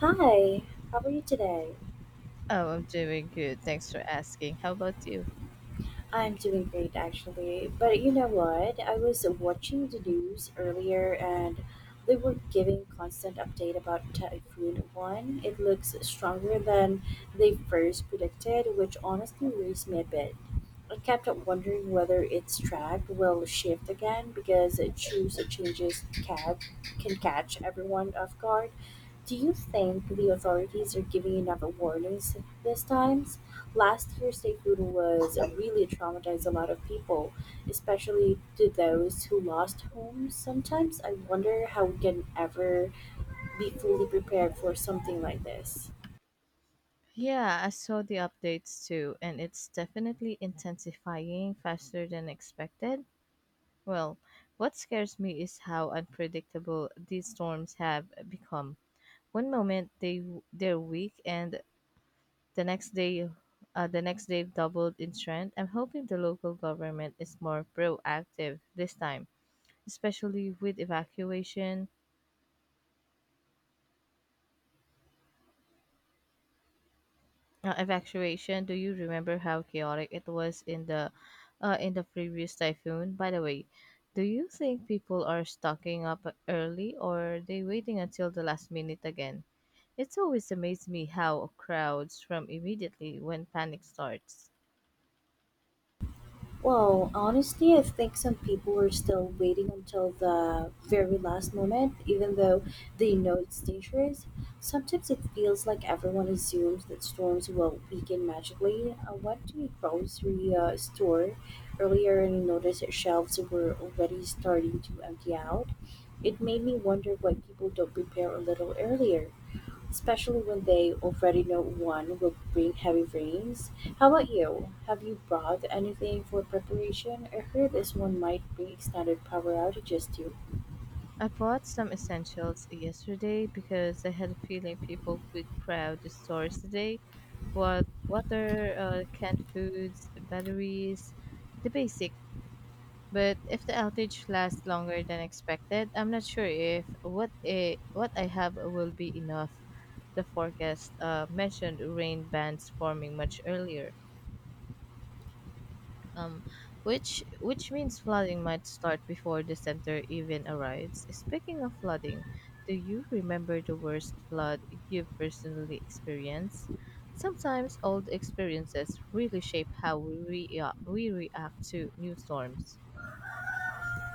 Hi, how are you today? Oh, I'm doing good. Thanks for asking. How about you? I'm doing great actually, but you know what? I was watching the news earlier and they were giving constant update about Typhoon 1. It looks stronger than they first predicted, which honestly worries me a bit. I kept on wondering whether its track will shift again because it choose changes cab can catch everyone off guard. Do you think the authorities are giving enough warnings this time? Last year's typhoon was really traumatized a lot of people, especially to those who lost homes. Sometimes I wonder how we can ever be fully prepared for something like this. Yeah, I saw the updates too, and it's definitely intensifying faster than expected. Well, what scares me is how unpredictable these storms have become. One moment they're weak, and the next day, the next day doubled in strength. I'm hoping the local government is more proactive this time, especially with evacuation. Do you remember how chaotic it was in the previous typhoon? By the way, do you think people are stocking up early or are they waiting until the last minute again? It's always amazed me how crowds from immediately when panic starts. Well, honestly, I think some people are still waiting until the very last moment, even though they know it's dangerous. Sometimes it feels like everyone assumes that storms will weaken magically. I went to a grocery store earlier and noticed that shelves were already starting to empty out. It made me wonder why people don't prepare a little earlier especially when they already know one will bring heavy rains. How about you? Have you brought anything for preparation? I heard this one might bring extended power outages too. I bought some essentials yesterday because I had a feeling people would crowd the stores today. What water, canned foods, batteries, the basic. But if the outage lasts longer than expected, I'm not sure if what I have will be enough. The forecast mentioned rain bands forming much earlier, um, which means flooding might start before the center even arrives. Speaking of flooding, do you remember the worst flood you personally experienced? Sometimes old experiences really shape how we react to new storms.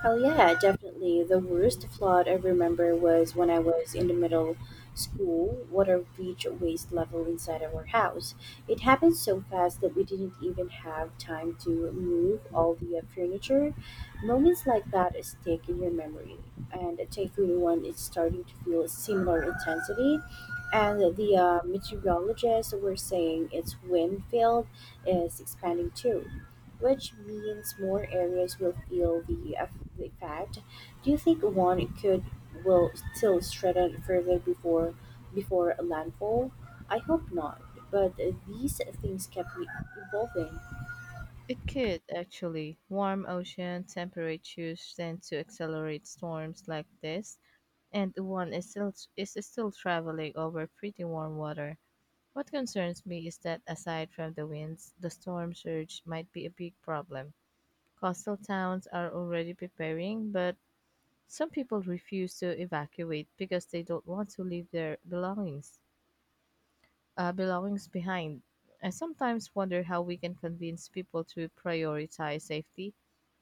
Oh yeah, definitely. The worst flood I remember was when I was in the middle school. Water reached waist level inside our house. It happened so fast that we didn't even have time to move all the furniture. Moments like that stick in your memory, and thankfully, when it's starting to feel a similar intensity. And the meteorologists were saying its wind field is expanding too, which means more areas will feel the effect. Do you think one could will still strengthen further before landfall? I hope not, but these things kept me evolving. It could, actually. Warm ocean temperatures tend to accelerate storms like this, and the one is still traveling over pretty warm water. What concerns me is that aside from the winds, the storm surge might be a big problem. Coastal towns are already preparing, but some people refuse to evacuate because they don't want to leave their belongings behind. I sometimes wonder how we can convince people to prioritize safety.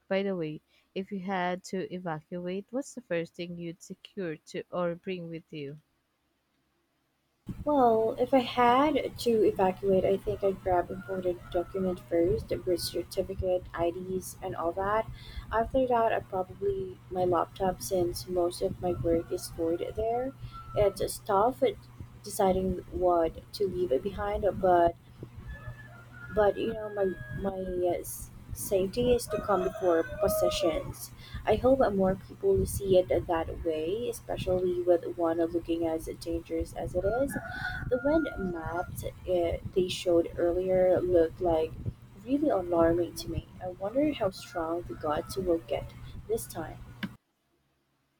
By the way, if you had to evacuate, what's the first thing you'd secure to or bring with you? Well, if I had to evacuate, I think I'd grab important document first, a birth certificate, IDs, and all that. After that, I probably my laptop since most of my work is stored there. It's tough at deciding what to leave it behind, but my safety is to come before possessions. I hope that more people see it that way, especially with one looking as dangerous as it is. The wind maps they showed earlier looked like really alarming to me. I wonder how strong the gods will get this time.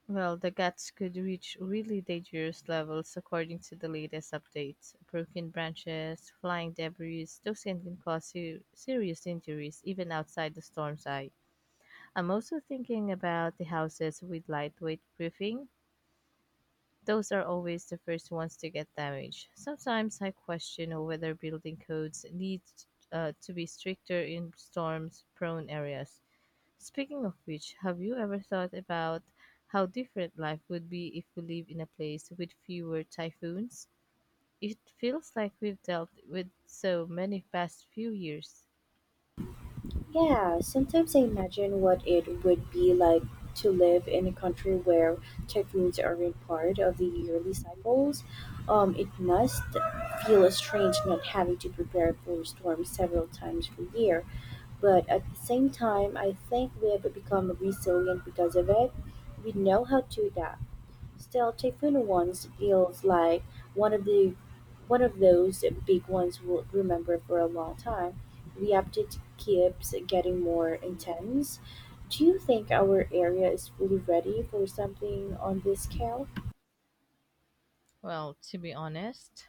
Well, the guts could reach really dangerous levels according to the latest updates. Broken branches, flying debris, those things can cause serious injuries even outside the storm's eye. I'm also thinking about the houses with lightweight roofing. Those are always the first ones to get damaged. Sometimes I question whether building codes need to be stricter in storms prone areas. Speaking of which, have you ever thought about how different life would be if we live in a place with fewer typhoons? It feels like we've dealt with so many past few years. Yeah, sometimes I imagine what it would be like to live in a country where typhoons aren't part of the yearly cycles. It must feel strange not having to prepare for storms several times per year. But at the same time, I think we have become resilient because of it. We know how to adapt. Still, typhoon once feels like one of the one of those big ones we'll remember for a long time. The update keeps getting more intense. Do you think our area is fully ready for something on this scale? Well, to be honest,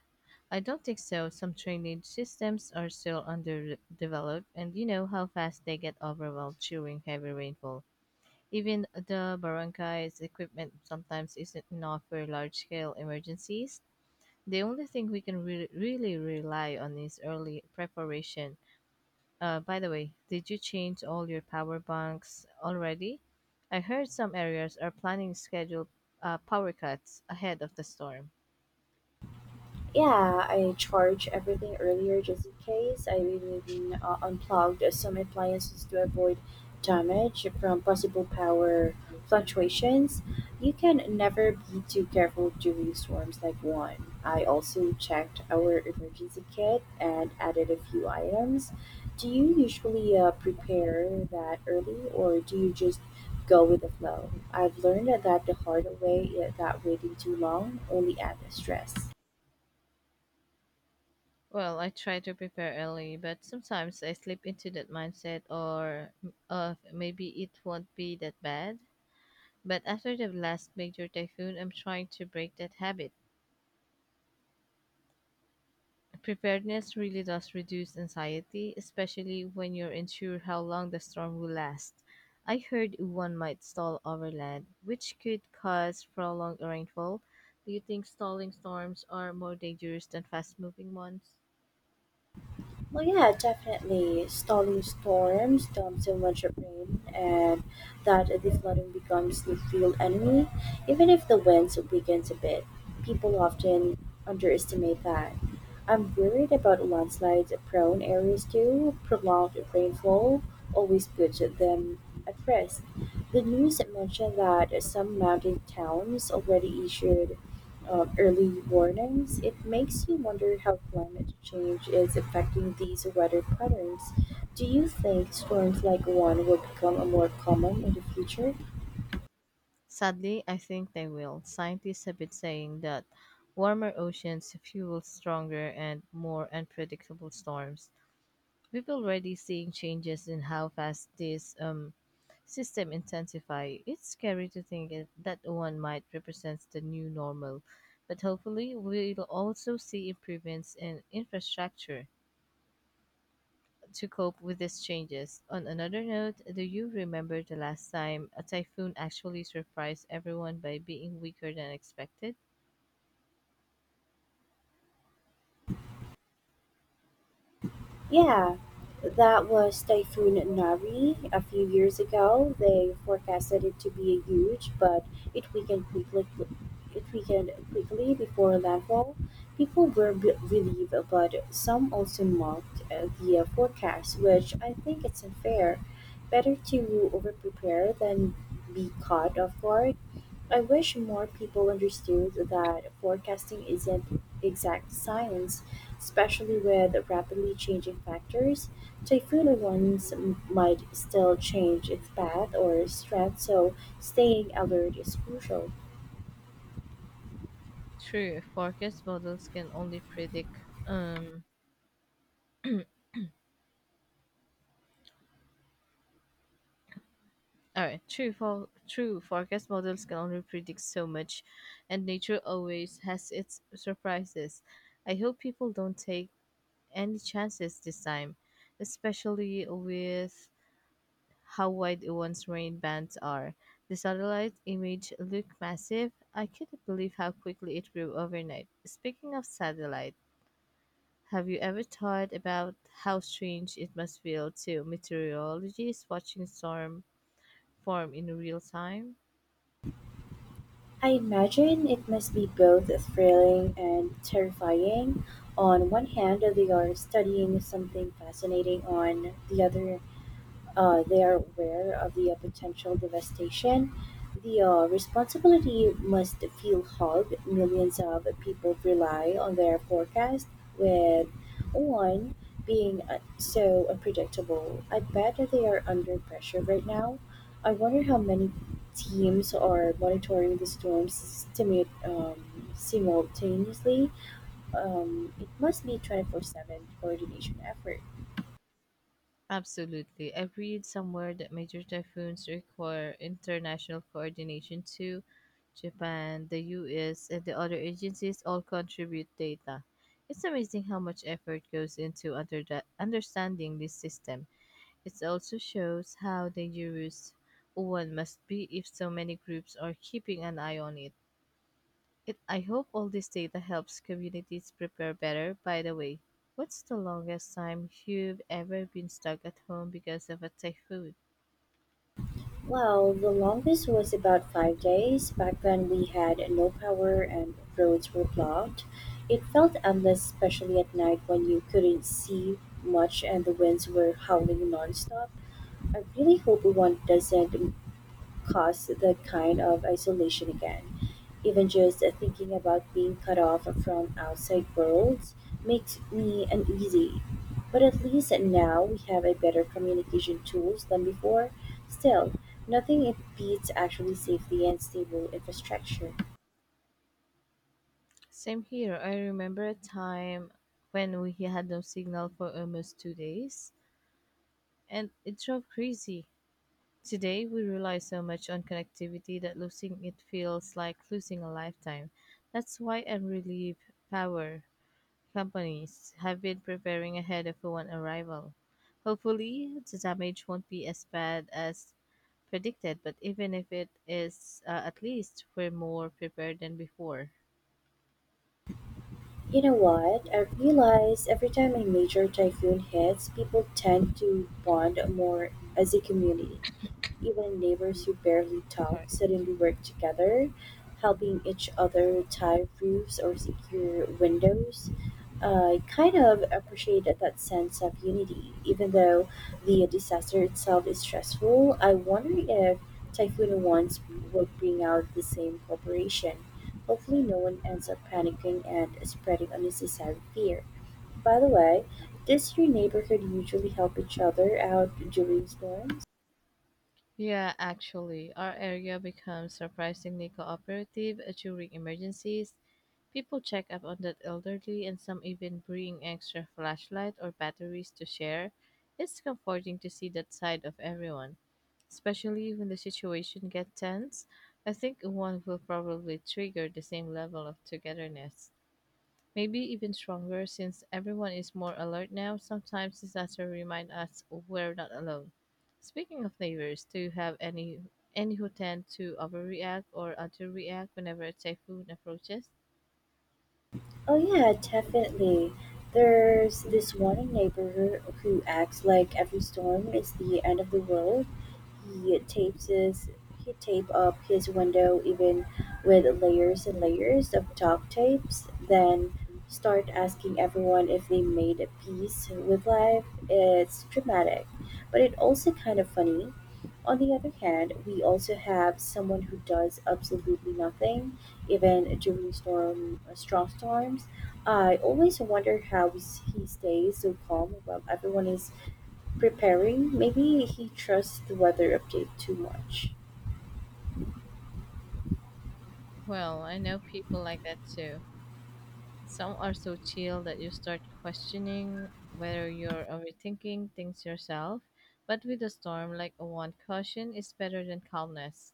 I don't think so. Some drainage systems are still underdeveloped, and you know how fast they get overwhelmed during heavy rainfall. Even the barangay's equipment sometimes isn't enough for large scale emergencies. The only thing we can really rely on is early preparation. By the way, did you change all your power banks already? I heard some areas are planning scheduled power cuts ahead of the storm. Yeah, I charge everything earlier just in case. I even unplugged some appliances to avoid damage from possible power fluctuations. You can never be too careful during storms like one. I also checked our emergency kit and added a few items. Do you usually prepare that early, or do you just go with the flow? I've learned that the hard way, that waiting too long only adds stress. Well, I try to prepare early, but sometimes I slip into that mindset or maybe it won't be that bad. But after the last major typhoon, I'm trying to break that habit. Preparedness really does reduce anxiety, especially when you're unsure how long the storm will last. I heard one might stall overland, which could cause prolonged rainfall. Do you think stalling storms are more dangerous than fast moving ones? Well, yeah, definitely. Stalling storms dumps so much of rain, and that the flooding becomes the real enemy. Even if the winds weakens a bit, people often underestimate that. I'm worried about landslides prone areas too. Prolonged rainfall always puts them at risk. The news mentioned that some mountain towns already issued early warnings. It makes you wonder how climate change is affecting these weather patterns. Do you think storms like one will become more common in the future? Sadly, I think they will. Scientists have been saying that warmer oceans fuel stronger and more unpredictable storms. We've already seen changes in how fast this system intensify. It's scary to think that one might represent the new normal, but hopefully we'll also see improvements in infrastructure to cope with these changes. On another note, do you remember the last time a typhoon actually surprised everyone by being weaker than expected? Yeah, that was Typhoon Nari a few years ago. They forecasted it to be huge, but it weakened quickly. It weakened quickly before landfall. People were relieved, but some also mocked the forecast, which I think it's unfair. Better to overprepare than be caught off guard. I wish more people understood that forecasting isn't exact science, especially with rapidly changing factors. Typhoon events might still change its path or strength, so staying alert is crucial. True, forecast models can only predict um all right, true for true forecast models can only predict so much, and nature always has its surprises. I hope people don't take any chances this time, especially with how wide Ewan's rain bands are. The satellite image looked massive. I couldn't believe how quickly it grew overnight. Speaking of satellite, have you ever thought about how strange it must feel to meteorologists watching storm form in real time? I imagine it must be both thrilling and terrifying. On one hand, they are studying something fascinating; on the other, they are aware of the potential devastation. The responsibility must feel hard. Millions of people rely on their forecast, with one being so unpredictable. I bet that they are under pressure right now. I wonder how many teams are monitoring the storms simultaneously. It must be 24/7 coordination effort. Absolutely. I read somewhere that major typhoons require international coordination too. Japan, the US, and the other agencies all contribute data. It's amazing how much effort goes into understanding this system. It also shows how dangerous one must be if so many groups are keeping an eye on it. I hope all this data helps communities prepare better. By the way, what's the longest time you've ever been stuck at home because of a typhoon? Well, the longest was about 5 days. Back then, we had no power and roads were blocked. It felt endless, especially at night when you couldn't see much and the winds were howling nonstop. I really hope one doesn't cause that kind of isolation again. Even just thinking about being cut off from outside worlds makes me uneasy. But at least now we have a better communication tools than before. Still, nothing beats actually safety and stable infrastructure. Same here. I remember a time when we had no signal for almost 2 days, and it drove crazy. Today, we rely so much on connectivity that losing it feels like losing a lifetime. That's why I'm relieved power companies have been preparing ahead of one arrival. Hopefully, the damage won't be as bad as predicted, but even if it is, at least we're more prepared than before. You know what? I realize every time a major typhoon hits, people tend to bond more as a community. Even neighbors who barely talk Sorry. suddenly work together, helping each other tie roofs or secure windows. I kind of appreciate that sense of unity. Even though the disaster itself is stressful, I wonder if Typhoon Once will bring out the same cooperation. Hopefully, no one ends up panicking and spreading unnecessary fear. By the way, does your neighborhood usually help each other out during storms? Yeah, actually, our area becomes surprisingly cooperative during emergencies. People check up on the elderly, and some even bring extra flashlight or batteries to share. It's comforting to see that side of everyone, especially when the situation gets tense. I think one will probably trigger the same level of togetherness, maybe even stronger since everyone is more alert now. Sometimes disaster remind us we're not alone. Speaking of neighbors, do you have any who tend to overreact or underreact whenever a typhoon approaches? Oh yeah, definitely. There's this one neighbor who acts like every storm is the end of the world. He tapes his he taped up his window even with layers and layers of duct tapes, then start asking everyone if they made a peace with life. It's dramatic, but it also kind of funny. On the other hand, we also have someone who does absolutely nothing, even during strong storms. I always wonder how he stays so calm while everyone is preparing. Maybe he trusts the weather update too much. Well, I know people like that too. Some are so chill that you start questioning whether you're overthinking things yourself. But with a storm like a one, caution is better than calmness.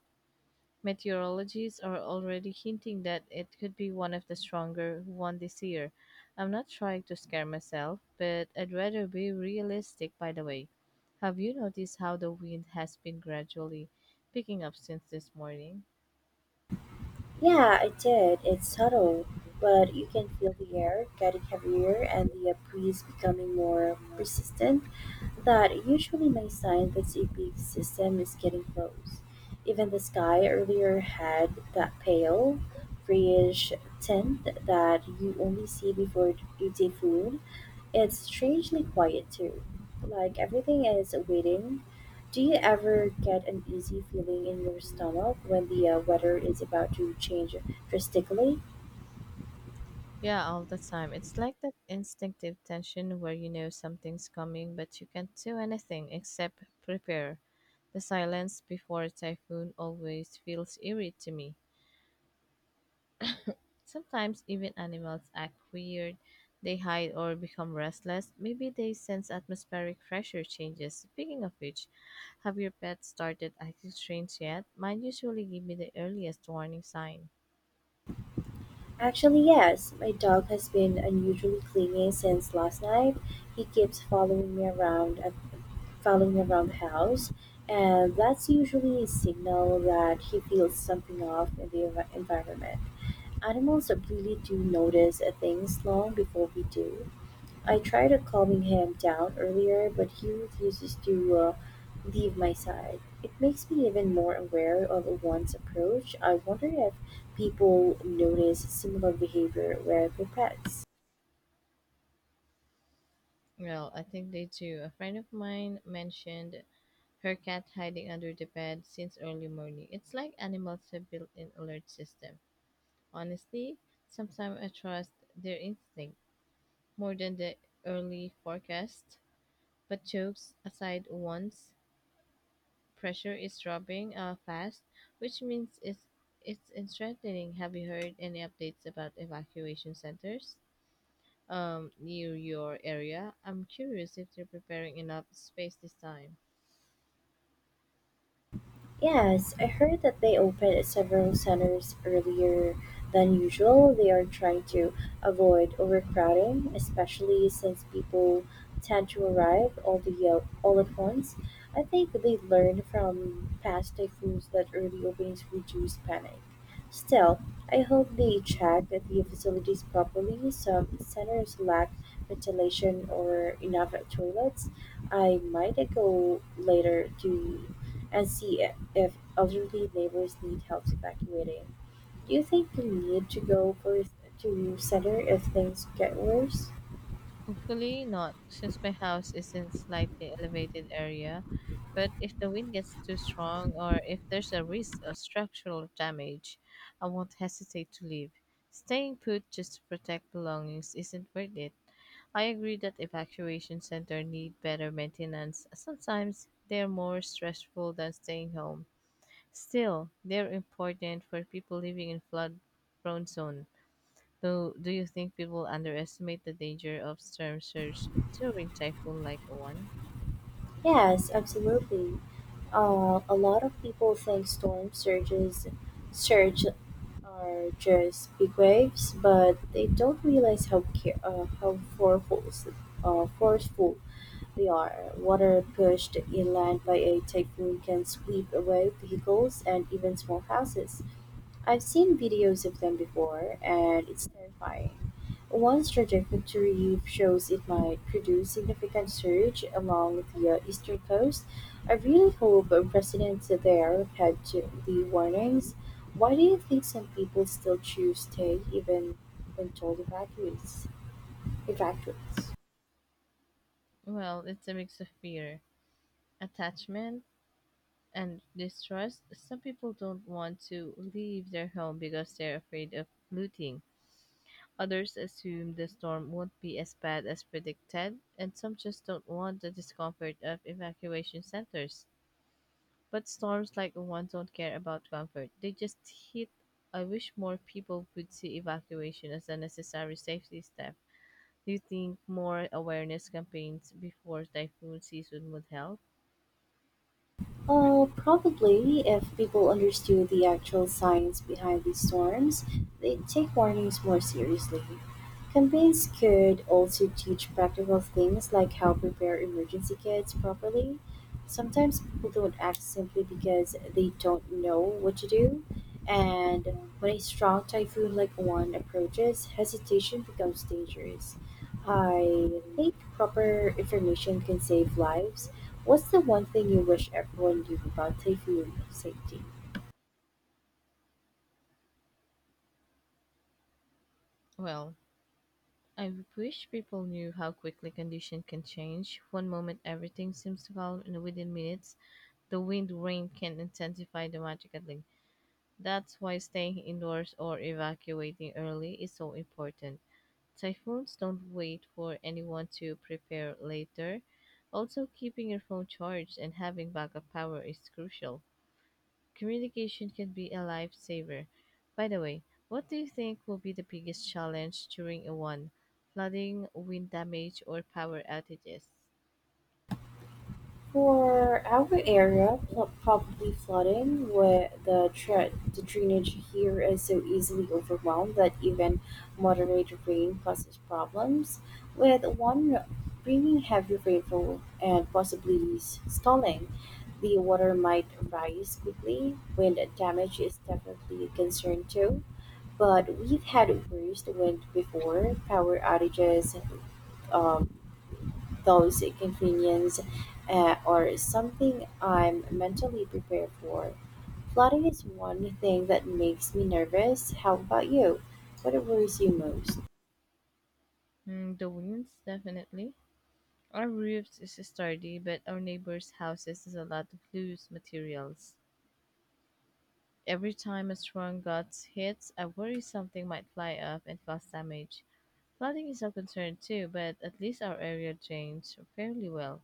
Meteorologists are already hinting that it could be one of the stronger one this year. I'm not trying to scare myself, but I'd rather be realistic. By the way, have you noticed how the wind has been gradually picking up since this morning? Yeah, I did. It's subtle, but you can feel the air getting heavier and the breeze becoming more persistent. That usually my sign that a big system is getting close. Even the sky earlier had that pale, grayish tint that you only see before a full. It's strangely quiet too, like everything is waiting. Do you ever get an easy feeling in your stomach when the weather is about to change drastically? Yeah, all the time. It's like that instinctive tension where you know something's coming, but you can't do anything except prepare. The silence before a typhoon always feels eerie to me. Sometimes even animals act weird. They hide or become restless. Maybe they sense atmospheric pressure changes. Speaking of which, have your pets started acting strange yet? Mine usually give me the earliest warning sign. Actually, yes. My dog has been unusually clingy since last night. He keeps following me around the house, and that's usually a signal that he feels something off in the environment. Animals really do notice things long before we do. I tried calming him down earlier, but he refuses to leave my side. It makes me even more aware of one's approach. I wonder if people notice similar behavior with their pets. Well, I think they do. A friend of mine mentioned her cat hiding under the bed since early morning. It's like animals have built in alert system. Honestly, sometimes I trust their instinct more than the early forecast. But jokes aside once pressure is dropping fast, which means it's strengthening. Have you heard any updates about evacuation centers near your area? I'm curious if they're preparing enough space this time. Yes, I heard that they opened several centers earlier than usual. They are trying to avoid overcrowding, especially since people tend to arrive all at once. I think they learned from past typhoons that early openings reduce panic. Still, I hope they check that the facilities properly. Some centers lack ventilation or enough toilets. I might go later to and see if elderly neighbors need help evacuating. Do you think they need to go for to center if things get worse? Hopefully not, since my house is in slightly elevated area. But if the wind gets too strong or if there's a risk of structural damage, I won't hesitate to leave. Staying put just to protect belongings isn't worth it. I agree that evacuation centers need better maintenance. Sometimes they're more stressful than staying home. Still, they're important for people living in flood prone zone. So, do you think people underestimate the danger of storm surge during typhoon like one? Yes, absolutely. A lot of people think storm surges surge are just big waves, but they don't realize how forceful they are. Water pushed inland by a typhoon can sweep away vehicles and even small houses. I've seen videos of them before, and it's terrifying. One trajectory shows it might produce significant surge along the eastern coast. I really hope residents there had to the warnings. Why do you think some people still choose stay even when told evacuates? Evacuates. Well, it's a mix of fear, attachment, and distrust. Some people don't want to leave their home because they're afraid of looting. Others assume the storm won't be as bad as predicted, and some just don't want the discomfort of evacuation centers. But storms like one don't care about comfort. They just hit. I wish more people would see evacuation as a necessary safety step. Do you think more awareness campaigns before typhoon season would help? Probably, if people understood the actual science behind these storms, they'd take warnings more seriously. Campaigns could also teach practical things like how prepare emergency kits properly. Sometimes people don't act simply because they don't know what to do, and when a strong typhoon like one approaches, hesitation becomes dangerous. I think proper information can save lives. What's the one thing you wish everyone knew about taking safety? Well, I wish people knew how quickly condition can change. One moment everything seems to calm and within minutes the wind rain can intensify dramatically. That's why staying indoors or evacuating early is so important. Typhoons don't wait for anyone to prepare later. Also, keeping your phone charged and having backup power is crucial. Communication can be a lifesaver. By the way, what do you think will be the biggest challenge during a one? Flooding, wind damage, or power outages? For our area, probably flooding, where the drainage here is so easily overwhelmed that even moderate rain causes problems. With one bringing heavy rainfall and possibly stalling, the water might rise quickly. Wind damage is definitely a concern too, but we've had worse wind before, power outages, um, those inconveniences or something I'm mentally prepared for. Plotting is one thing that makes me nervous. How about you? What worries you most? Mm, the winds, definitely. Our roofs is sturdy, but our neighbors' houses is a lot of loose materials. Every time a strong gust hits, I worry something might fly up and cause damage. Flooding is a concern too, but at least our area drains fairly well.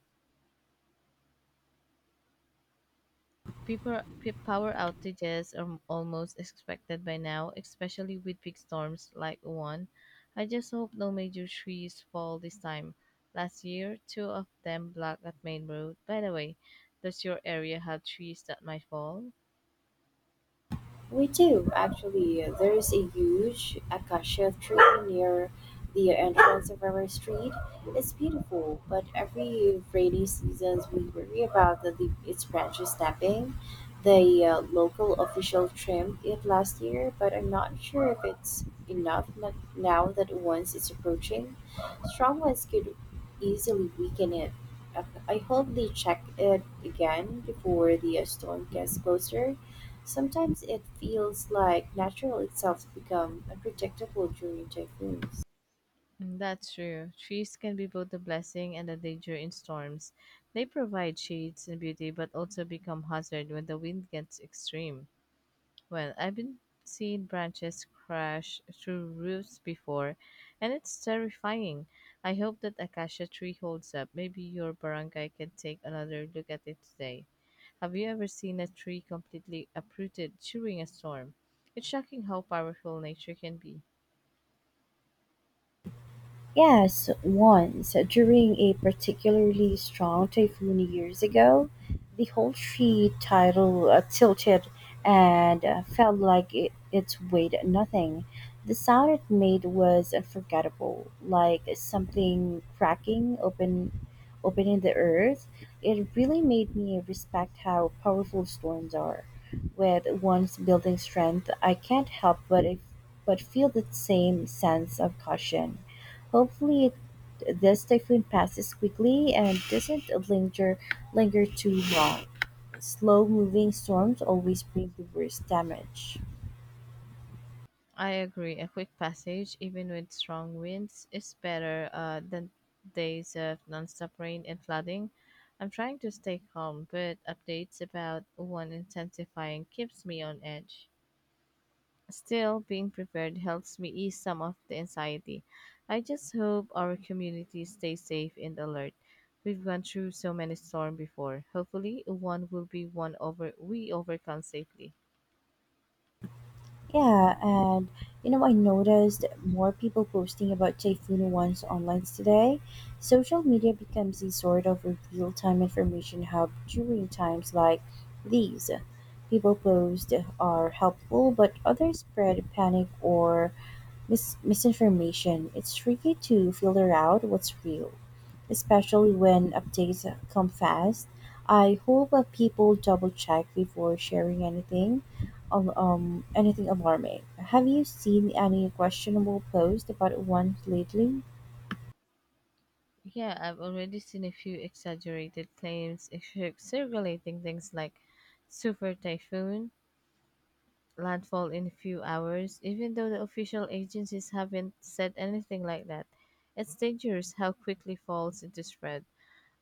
Power outages are almost expected by now, especially with big storms like the one. I just hope no major trees fall this time. Last year, two of them blocked that main road. By the way, does your area have trees that might fall? We do, actually. There is a huge acacia tree near the entrance of our street. It's beautiful, but every rainy season we worry about its branches snapping. The local official trimmed it last year, but I'm not sure if it's enough n- now that once it's approaching. Strong winds could easily weaken it. I hope they check it again before the storm gets closer. Sometimes it feels like natural itself become unpredictable during typhoons. Mm, that's true. Trees can be both a blessing and a danger in storms. They provide shades and beauty, but also become hazard when the wind gets extreme. Well, I've been seeing branches crash through roofs before, and it's terrifying. I hope that acacia tree holds up. Maybe your barangay can take another look at it today. Have you ever seen a tree completely uprooted during a storm? It's shocking how powerful nature can be. Yes, once, during a particularly strong typhoon years ago, the whole tree title tilted and felt like it weighed nothing. The sound it made was unforgettable, like something cracking open, opening the earth. It really made me respect how powerful storms are. With one's building strength, I can't help but, if, but feel the same sense of caution. Hopefully, this typhoon passes quickly and doesn't linger too long. Slow-moving storms always bring the worst damage. I agree. A quick passage, even with strong winds, is better than days of nonstop rain and flooding. I'm trying to stay calm, but updates about one intensifying keeps me on edge. Still, being prepared helps me ease some of the anxiety. I just hope our community stays safe and alert. We've gone through so many storms before. Hopefully, one will be one over we overcome safely. Yeah, and you know, I noticed more people posting about typhoon ones online today. Social media becomes a sort of a real time information hub during times like these. People post are helpful, but others spread panic or misinformation. It's tricky to filter out what's real especially when updates come fast. I hope that people double check before sharing anything, anything alarming. Have you seen any questionable post about one lately? Yeah, I've already seen a few exaggerated claims circulating things like super typhoon, landfall in a few hours, even though the official agencies haven't said anything like that. It's dangerous how quickly falls into spread.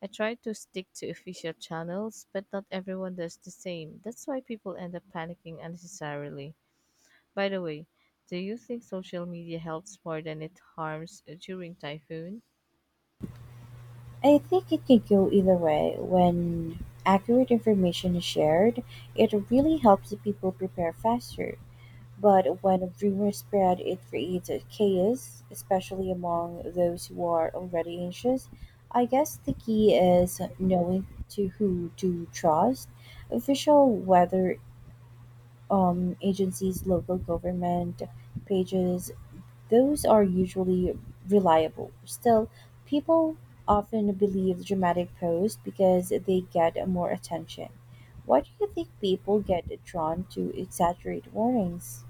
I try to stick to official channels, but not everyone does the same. That's why people end up panicking unnecessarily. By the way, do you think social media helps more than it harms during typhoons? I think it can go either way. When accurate information is shared, it really helps the people prepare faster. But when rumors spread, it creates a chaos, especially among those who are already anxious. I guess the key is knowing to who to trust. Official weather agencies, local government pages, those are usually reliable. Still, people often believe dramatic posts because they get more attention. Why do you think people get drawn to exaggerate warnings?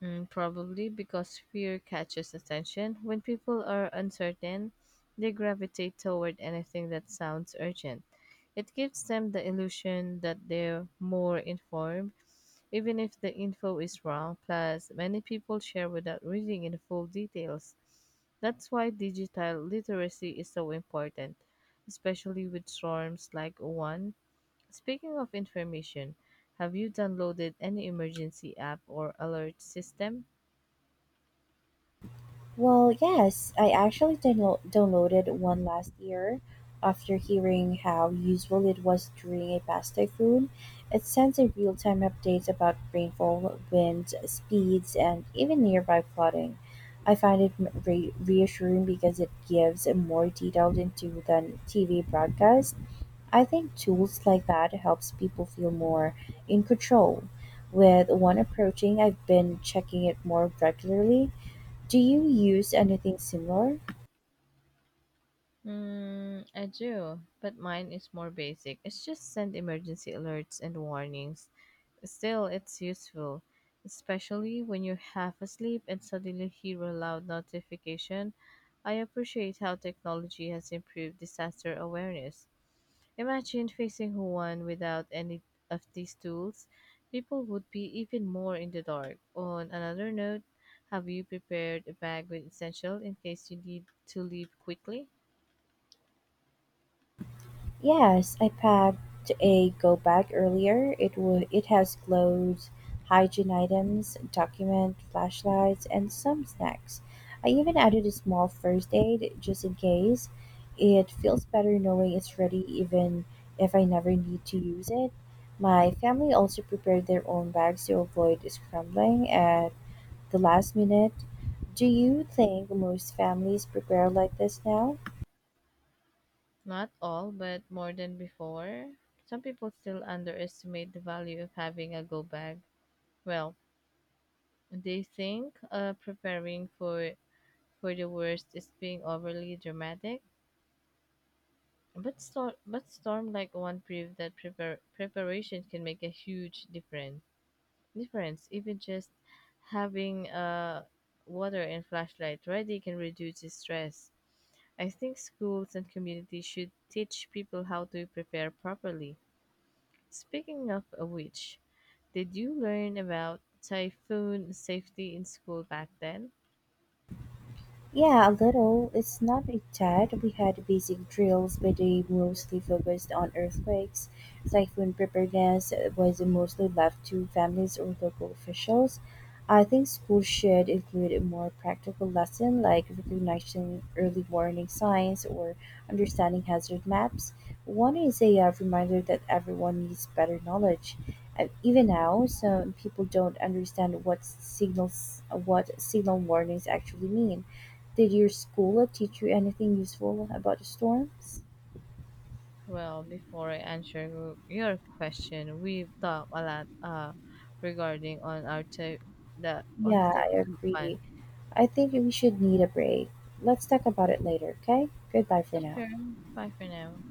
Mm, probably because fear catches attention. When people are uncertain, they gravitate toward anything that sounds urgent. It gives them the illusion that they're more informed, even if the info is wrong. Plus, many people share without reading in full details. That's why digital literacy is so important, especially with storms like one. Speaking of information, have you downloaded any emergency app or alert system? Well, yes, I actually downloaded one last year after hearing how useful it was during a past typhoon. It sends a real time update about rainfall, wind, speeds, and even nearby flooding. I find it reassuring because it gives more detailed into than TV broadcast. I think tools like that helps people feel more in control. With one approaching, I've been checking it more regularly. Do you use anything similar? Mm, I do, but mine is more basic. It's just send emergency alerts and warnings. Still, it's useful, especially when you're half asleep and suddenly hear a loud notification. I appreciate how technology has improved disaster awareness. Imagine facing one without any of these tools. People would be even more in the dark. On another note, have you prepared a bag with essential in case you need to leave quickly? Yes, I packed a go bag earlier. It has clothes, hygiene items, document, flashlights, and some snacks. I even added a small first aid just in case. It feels better knowing it's ready even if I never need to use it. My family also prepared their own bags to avoid scrambling at the last minute. Do you think most families prepare like this now? Not all, but more than before. Some people still underestimate the value of having a go bag. Well, they think preparing for the worst is being overly dramatic, but storm like one proved that preparation can make a huge difference. Difference, even just having water and flashlight ready can reduce the stress. I think schools and communities should teach people how to prepare properly. Speaking of a which, did you learn about typhoon safety in school back then? Yeah, a little. It's not that we had basic drills, but they mostly focused on earthquakes. Typhoon preparedness was mostly left to families or local officials. I think schools should include a more practical lesson like recognizing early warning signs or understanding hazard maps. One is a reminder that everyone needs better knowledge. And even now, some people don't understand what signal warnings actually mean. Did your school teach you anything useful about the storms? Well, before I answer your question, we've talked a lot regarding on our ty- the on the Yeah, I typhoon one. agree. I think we should need a break. Let's talk about it later, okay? Goodbye for Yeah, now. sure. Bye for now.